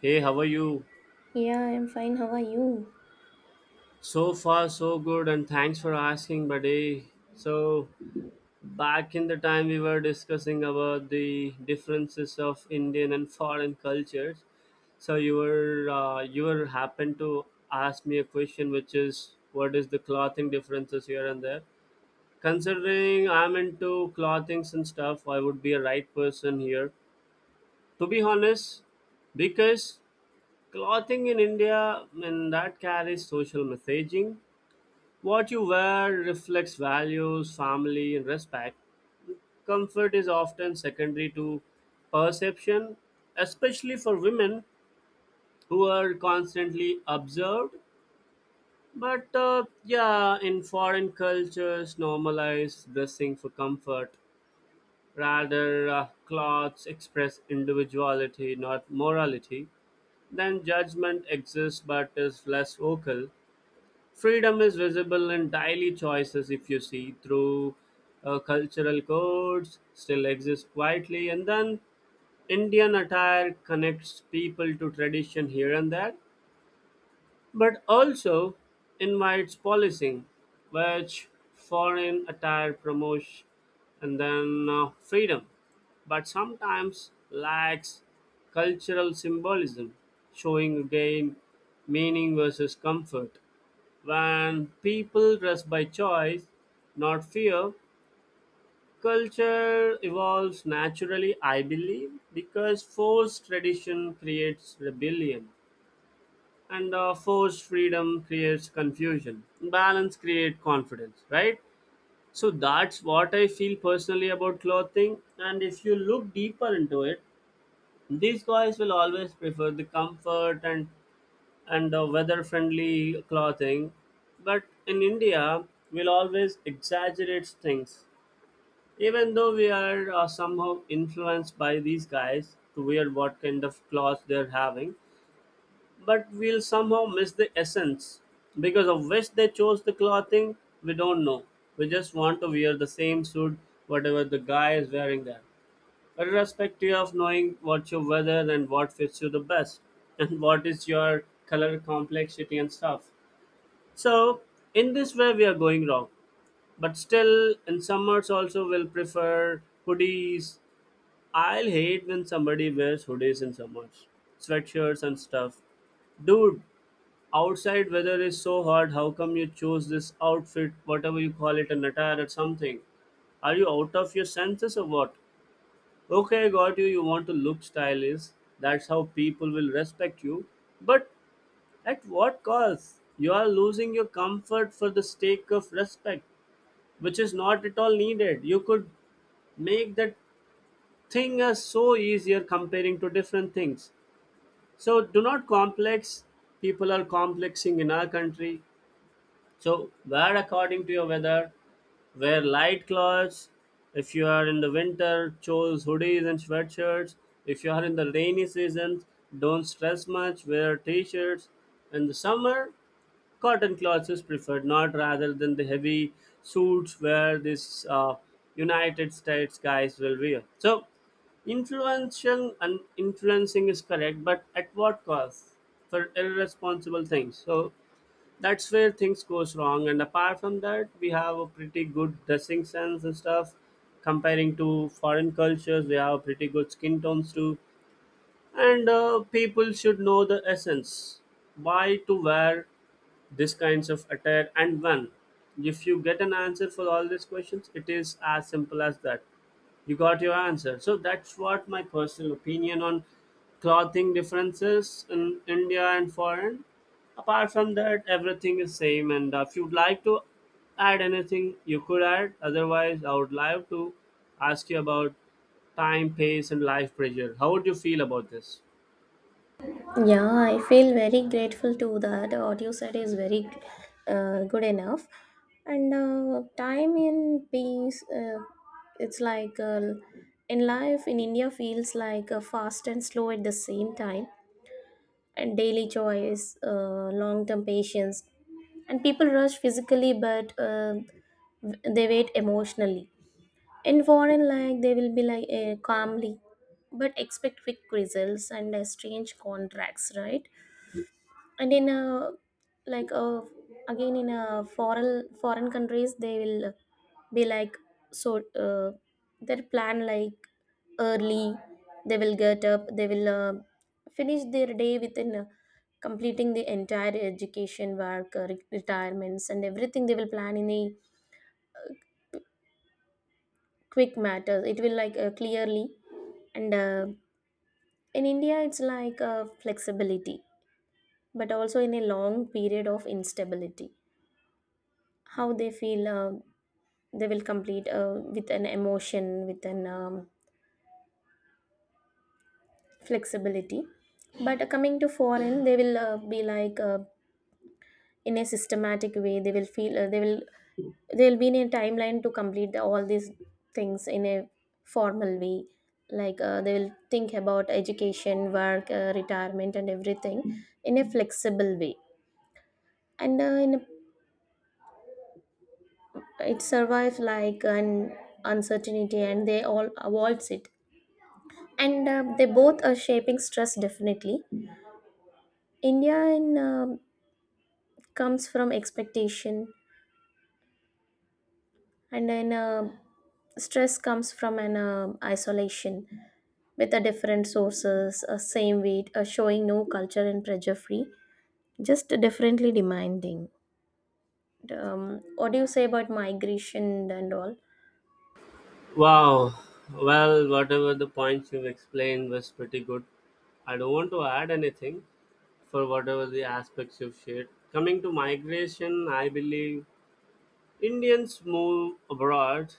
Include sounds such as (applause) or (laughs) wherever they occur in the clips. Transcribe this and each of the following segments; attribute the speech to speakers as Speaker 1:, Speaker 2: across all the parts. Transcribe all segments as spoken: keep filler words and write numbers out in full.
Speaker 1: Hey, how are you?
Speaker 2: Yeah, I'm fine. How are you?
Speaker 1: So far, so good, and thanks for asking, buddy. So, back in the time we were discussing about the differences of Indian and foreign cultures. So you were uh, you were happened to ask me a question, which is what is the clothing differences here and there. Considering I'm into clothings and stuff, I would be a right person here. To be honest, because clothing in India, and that carries social messaging. What you wear reflects values, family, and respect. Comfort is often secondary to perception, especially for women who are constantly observed. But uh, yeah, in foreign cultures, normalize dressing for comfort. Rather, uh, clothes express individuality, not morality. Then judgment exists but is less vocal. Freedom is visible in daily choices if you see through uh, cultural codes still exist quietly. And then Indian attire connects people to tradition here and there, but also invites policing, which foreign attire promotes. And then uh, freedom, but sometimes lacks cultural symbolism, showing again meaning versus comfort. When people dress by choice, not fear, culture evolves naturally, I believe, because forced tradition creates rebellion and uh, forced freedom creates confusion. Balance creates confidence, right? So that's what I feel personally about clothing. And if you look deeper into it, these guys will always prefer the comfort and and uh, weather friendly clothing. But in India, we'll always exaggerate things. Even though we are uh, somehow influenced by these guys to wear what kind of clothes they're having, but we'll somehow miss the essence. Because of which they chose the clothing, we don't know. We just want to wear the same suit, whatever the guy is wearing there. Irrespective of knowing what your weather and what fits you the best, (laughs) and what is your color complexity and stuff, so in this way we are going wrong. But still in summers also will prefer hoodies. I'll hate when somebody wears hoodies in summers. Sweatshirts and stuff. Dude, outside weather is so hot, how come you chose this outfit, whatever you call it, an attire or something? Are you out of your senses or what? Okay, I got you, you want to look stylish. That's how people will respect you. But at what cost? You are losing your comfort for the sake of respect, which is not at all needed. You could make that thing as so easier comparing to different things. So do not complex. People are complexing in our country. So wear according to your weather. Wear light clothes. If you are in the winter, choose hoodies and sweatshirts. If you are in the rainy season, don't stress much. Wear t-shirts. In the summer, cotton cloth is preferred, not rather than the heavy suits where these uh, United States guys will wear. So, influencing and influencing is correct, but at what cost? For irresponsible things. So, that's where things goes wrong. And apart from that, we have a pretty good dressing sense and stuff. Comparing to foreign cultures, we have pretty good skin tones too, and uh, people should know the essence why to wear this kinds of attire and when. If you get an answer for all these questions, it is as simple as that. You got your answer. So that's what my personal opinion on clothing differences in India and foreign. Apart from that everything is same, and uh, if you'd like to add anything you could add, otherwise I would like to ask you about time pace and life pressure. How would you feel about this?
Speaker 2: Yeah, I feel very grateful to that. What you said is very uh, good enough. And uh, time in peace, uh, it's like uh, in life in India feels like uh, fast and slow at the same time. And daily choice, uh, long term patience. And people rush physically, but uh, they wait emotionally in foreign like they will be like eh, calmly but expect quick results and uh, strange contracts, right? And in a, like a, again in a foreign foreign countries, they will be like, so uh, their plan, like early they will get up, they will uh, finish their day within uh, completing the entire education work, uh, re- retirements, and everything they will plan in a quick matter. It will like uh, clearly. And uh, in India, it's like uh, flexibility, but also in a long period of instability. How they feel, uh, they will complete uh, with an emotion, with an um, flexibility. But uh, coming to foreign, they will uh, be like uh, in a systematic way. They will feel, uh, they will, they will be in a timeline to complete the, all these things in a formal way. Like uh, they will think about education, work, uh, retirement, and everything in a flexible way, and uh, in a, it survives like an uncertainty and they all avoids it. And uh, they both are shaping stress definitely. India in, uh, comes from expectation, and then uh, stress comes from an uh, isolation with a different sources, a same weight, uh, showing no culture and pressure free, just differently demanding. um, what do you say about migration and all?
Speaker 1: Wow. Well, whatever the points you've explained was pretty good. I don't want to add anything for whatever the aspects you've shared. Coming to migration, I believe Indians move abroad.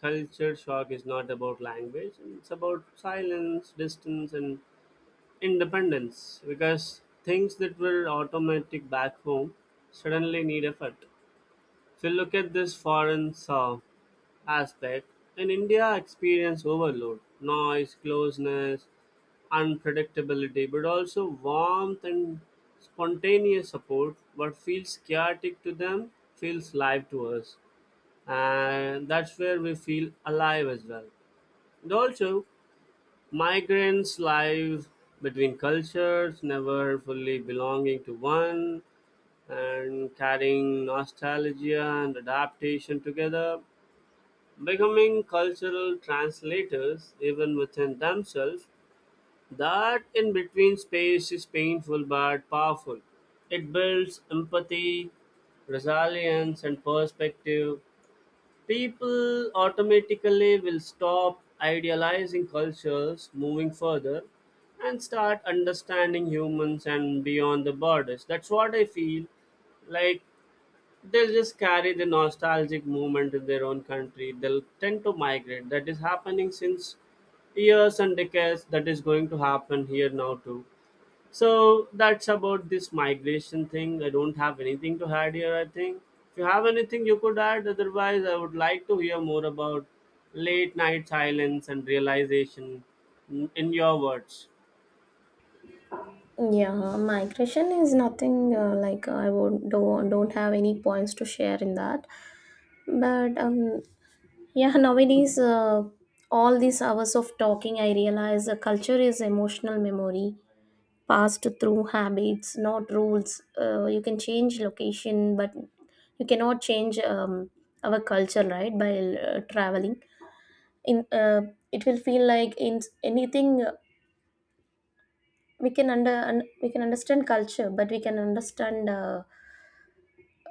Speaker 1: Culture shock is not about language, it's about silence, distance, and independence, because things that were automatic back home suddenly need effort. If you look at this foreign serve aspect, in India experience overload, noise, closeness, unpredictability, but also warmth and spontaneous support. What feels chaotic to them feels live to us, and that's where we feel alive as well. And also, migrants live between cultures, never fully belonging to one, and carrying nostalgia and adaptation together, becoming cultural translators even within themselves. That in between space is painful but powerful. It builds empathy, resilience, and perspective. People automatically will stop idealizing cultures moving further and start understanding humans and beyond the borders. That's what I feel like. They'll just carry the nostalgic movement in their own country. They'll tend to migrate. That is happening since years and decades. That is going to happen here now too. So that's about this migration thing. I don't have anything to add here, I think. If you have anything you could add, otherwise I would like to hear more about late night silence and realization in in your words.
Speaker 2: Yeah, migration is nothing, uh, like I would don't, don't have any points to share in that. But um, yeah, nowadays uh, all these hours of talking, I realize uh, culture is emotional memory passed through habits, not rules. Uh, you can change location, but you cannot change um, our culture, right? By uh, traveling, in uh, it will feel like in anything, uh, we can under un- we can understand culture, but we can understand. Uh,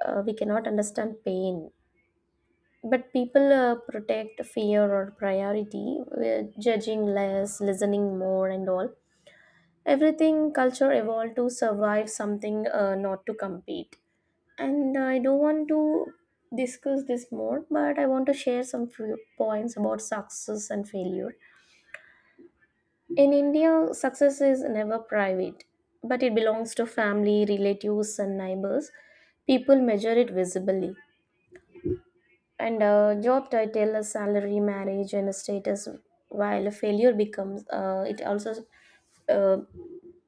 Speaker 2: uh, we cannot understand pain, but people uh, protect fear or priority with judging less, listening more, and all. Everything culture evolved to survive something, uh, not to compete. And I don't want to discuss this more, but I want to share some few points about success and failure. In India, success is never private, but it belongs to family, relatives, and neighbors. People measure it visibly. And uh, job title, salary, marriage, and status. While failure becomes, uh, it also uh,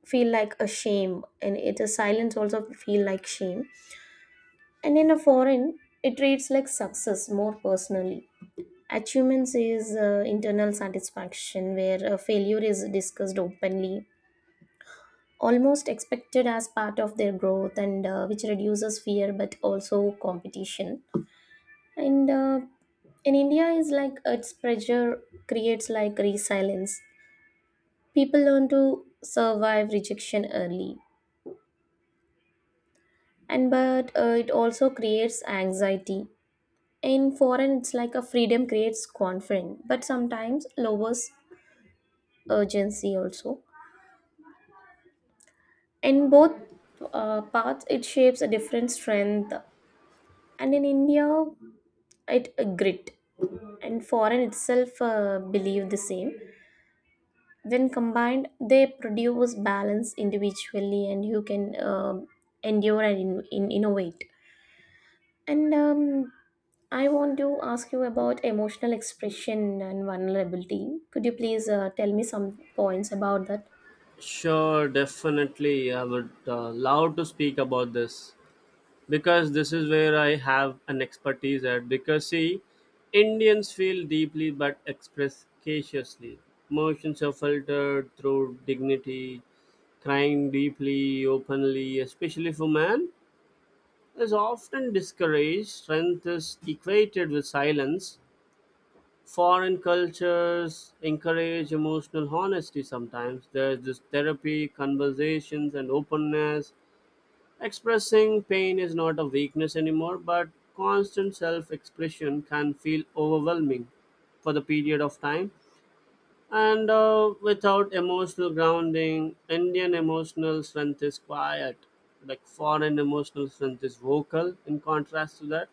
Speaker 2: feel like a shame, and it is silence also feel like shame. And in a foreign, it treats like success more personally. Achievements is uh, internal satisfaction, where uh, failure is discussed openly, almost expected as part of their growth, and uh, which reduces fear but also competition. And uh, in India is like its pressure creates like resilience. People learn to survive rejection early, and but uh, it also creates anxiety. In foreign it's like a freedom creates confidence but sometimes lowers urgency also. In both uh, paths, it shapes a different strength, and in India it a grit, and foreign itself uh, believe the same. When combined, they produce balance individually, and you can um, endure and in, in, innovate. And um, I want to ask you about emotional expression and vulnerability. Could you please uh, tell me some points about that?
Speaker 1: Sure, definitely. I would uh, love to speak about this, because this is where I have an expertise at. Because see, Indians feel deeply but express cautiously. Emotions are filtered through dignity, crying deeply, openly, especially for man, is often discouraged. Strength is equated with silence. Foreign cultures encourage emotional honesty sometimes. There's this therapy, conversations, and openness. Expressing pain is not a weakness anymore, but constant self expression can feel overwhelming for the period of time. And uh, without emotional grounding, Indian emotional strength is quiet. Like foreign emotional strength is vocal, in contrast to that.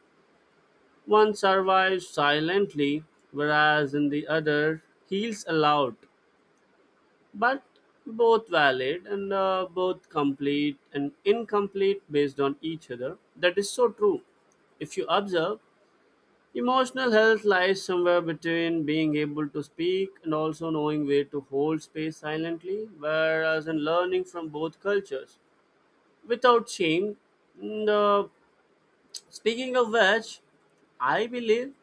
Speaker 1: One survives silently, whereas in the other, heals aloud, but both valid, and uh, both complete and incomplete based on each other. That is so true. If you observe, emotional health lies somewhere between being able to speak and also knowing where to hold space silently, whereas in learning from both cultures without shame, the speaking of which, I believe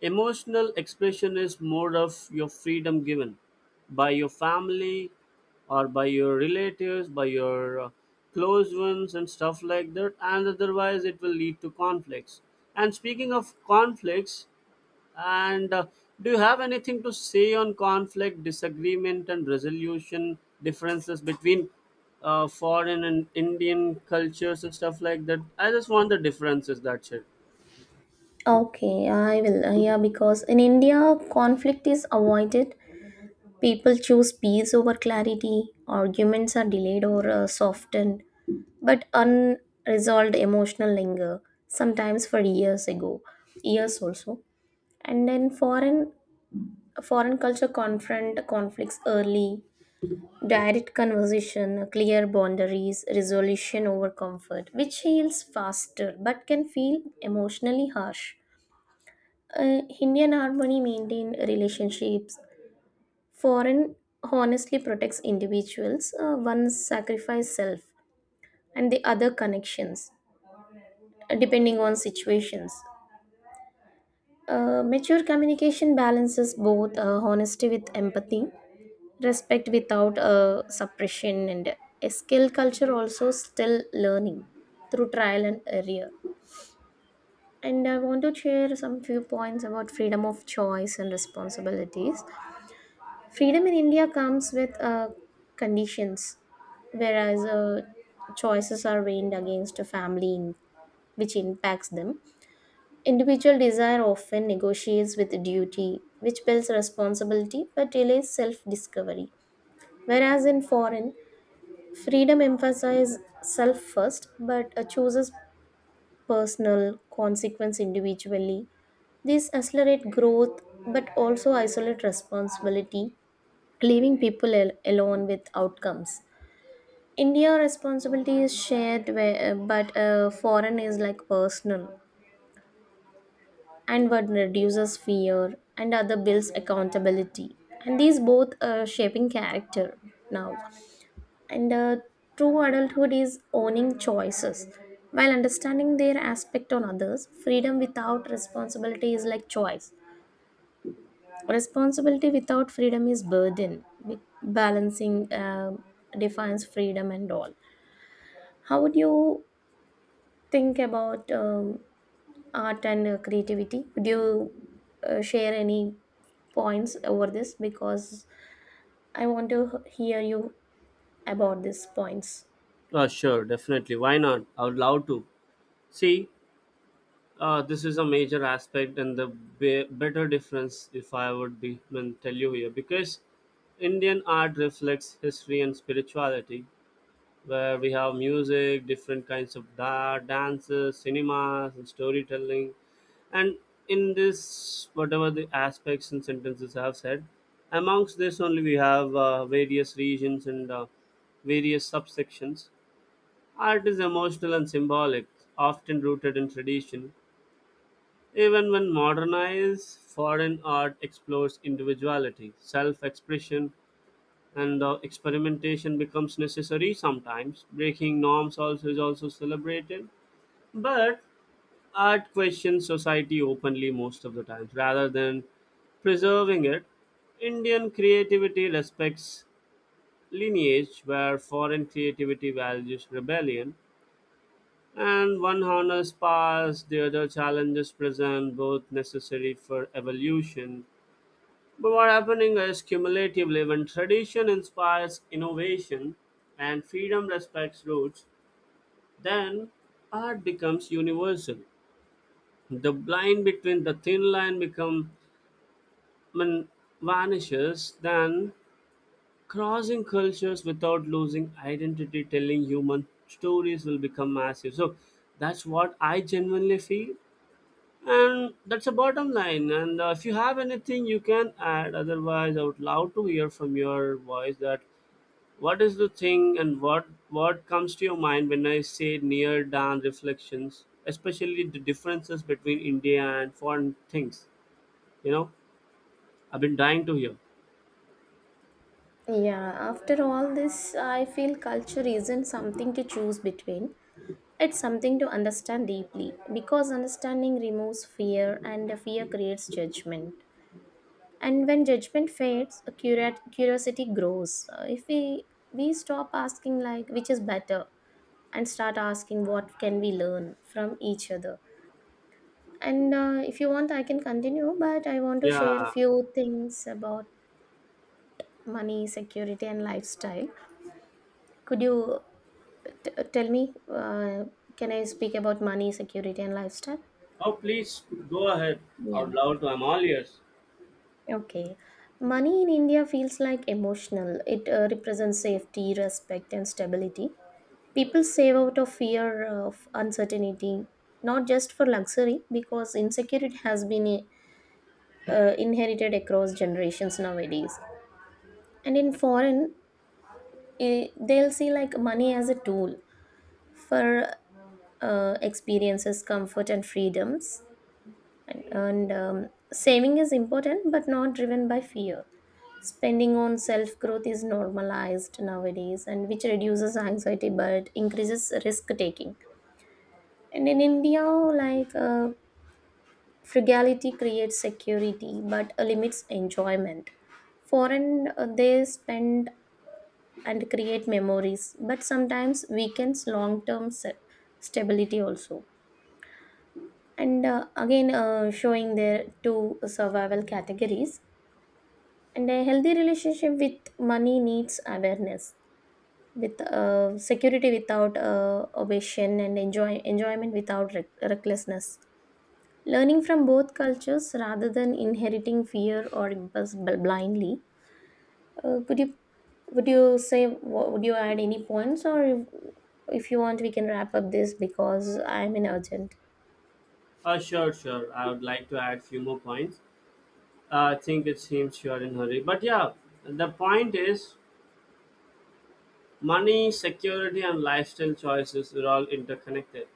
Speaker 1: emotional expression is more of your freedom given by your family or by your relatives, by your uh, close ones, and stuff like that. And otherwise, it will lead to conflicts. And speaking of conflicts, and uh, do you have anything to say on conflict, disagreement, and resolution differences between uh, foreign and Indian cultures and stuff like that? I just want the differences. That's it.
Speaker 2: Okay, I will uh, yeah, because in India conflict is avoided. People choose peace over clarity. Arguments are delayed or uh, softened, but unresolved emotional linger sometimes for years ago, years also. And then foreign foreign culture confront conflicts early. Direct conversation, clear boundaries, resolution over comfort, which heals faster but can feel emotionally harsh. Uh, Indian harmony maintained relationships, foreign honestly protects individuals. Uh, one sacrifice self and the other connections, depending on situations. Uh, mature communication balances both, uh, honesty with empathy, respect without uh, suppression, and a skill culture also still learning through trial and error. And I want to share some few points about freedom of choice and responsibilities. Freedom in India comes with uh, conditions, whereas uh, choices are weighed against a family, in, which impacts them. Individual desire often negotiates with duty, which builds responsibility but delays self discovery. Whereas in foreign, freedom emphasizes self first but uh, chooses personal consequence individually. These accelerate growth but also isolate responsibility, leaving people al- alone with outcomes. India responsibility is shared, where, uh, but uh, foreign is like personal. And what reduces fear and other builds accountability, and these both are shaping character now. And uh, true adulthood is owning choices while understanding their aspect on others. Freedom without responsibility is like choice, responsibility without freedom is burden. Be- balancing uh, defines freedom and all. How would you think about um, art and uh, creativity? Would you uh, share any points over this? Because I want to h- hear you about these points.
Speaker 1: Uh, sure, definitely. Why not? I would love to. See, uh, this is a major aspect and the be- better difference if I would be, I mean, tell you here, because Indian art reflects history and spirituality, where we have music, different kinds of da- dances, cinemas, and storytelling. And in this, whatever the aspects and sentences I have said, amongst this only we have uh, various regions and uh, various subsections. Art is emotional and symbolic, often rooted in tradition. Even when modernized, foreign art explores individuality, self expression, and the experimentation becomes necessary sometimes. Breaking norms also is also celebrated, but art questions society openly most of the times rather than preserving it. Indian creativity respects lineage, where foreign creativity values rebellion, and one honors past, the other challenges present, both necessary for evolution. But what happening is cumulatively when tradition inspires innovation and freedom respects roots, then art becomes universal. The line between the thin line become when vanishes, then crossing cultures without losing identity, telling human stories will become massive. So that's what I genuinely feel. And that's the bottom line. And uh, if you have anything you can add, otherwise, I would love to hear from your voice that what is the thing and what what comes to your mind when I say near down reflections, especially the differences between India and foreign things? You know, I've been dying to hear.
Speaker 2: Yeah, after all this, I feel culture isn't something to choose between. It's something to understand deeply, because understanding removes fear, and the fear creates judgment. And when judgment fades, a curat- curiosity grows. Uh, If we we stop asking like which is better and start asking what can we learn from each other. And uh, if you want I can continue, but I want to share a
Speaker 1: Yeah.
Speaker 2: few things about money security and lifestyle. Could you t- uh, tell me, uh, can I speak about money security and lifestyle?
Speaker 1: Oh, please go ahead
Speaker 2: Yeah.
Speaker 1: out loud. I'm all ears.
Speaker 2: Okay. Money in India feels like emotional. It uh, represents safety, respect, and stability. People save out of fear of uncertainty, not just for luxury, because insecurity has been a uh, inherited across generations nowadays. And in foreign, eh, they'll see like money as a tool for uh, experiences, comfort, and freedoms. and, and um, saving is important but not driven by fear. Spending on self growth is normalized nowadays, and which reduces anxiety but increases risk taking. And in India like uh, frugality creates security but limits enjoyment. Foreign, uh, they spend and create memories but sometimes weakens long term stability also. And uh, again uh, showing their two survival categories. And a healthy relationship with money needs awareness, with uh, security without uh, obsession, and enjoy enjoyment without rec- recklessness, learning from both cultures rather than inheriting fear or impulse bl- blindly. Uh, would you, would you say wha- would you add any points? Or if, if you want we can wrap up this because I'm in urgent.
Speaker 1: Uh, sure, sure. I would like to add few more points. Uh, I think it seems you are in hurry, but yeah, the point is money, security, and lifestyle choices are all interconnected.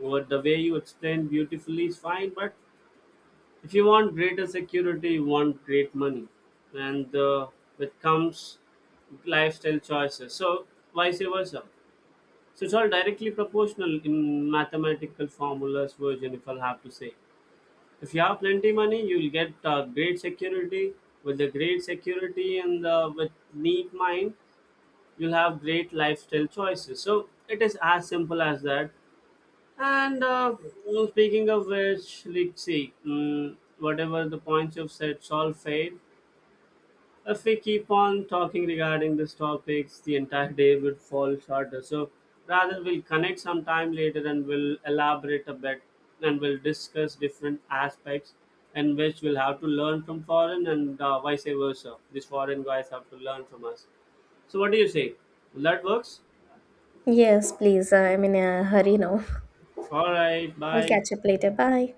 Speaker 1: What the way you explained beautifully is fine, but if you want greater security you want great money and uh, with comes lifestyle choices, so vice versa. So it's all directly proportional in mathematical formulas version, if I'll have to say. If you have plenty money you'll get uh, great security. With the great security and uh, with neat mind you'll have great lifestyle choices, so it is as simple as that. And uh, well, speaking of which, let's see, mm, whatever the points you've said it's all fade. If we keep on talking regarding these topics, the entire day would fall shorter. So rather, we'll connect sometime later and we'll elaborate a bit and we'll discuss different aspects in which we'll have to learn from foreign and uh, vice versa. These foreign guys have to learn from us. So what do you say? Will that works?
Speaker 2: Yes, please. I'm in a hurry now. (laughs)
Speaker 1: All right,
Speaker 2: We'll
Speaker 1: bye.
Speaker 2: catch up later. Bye.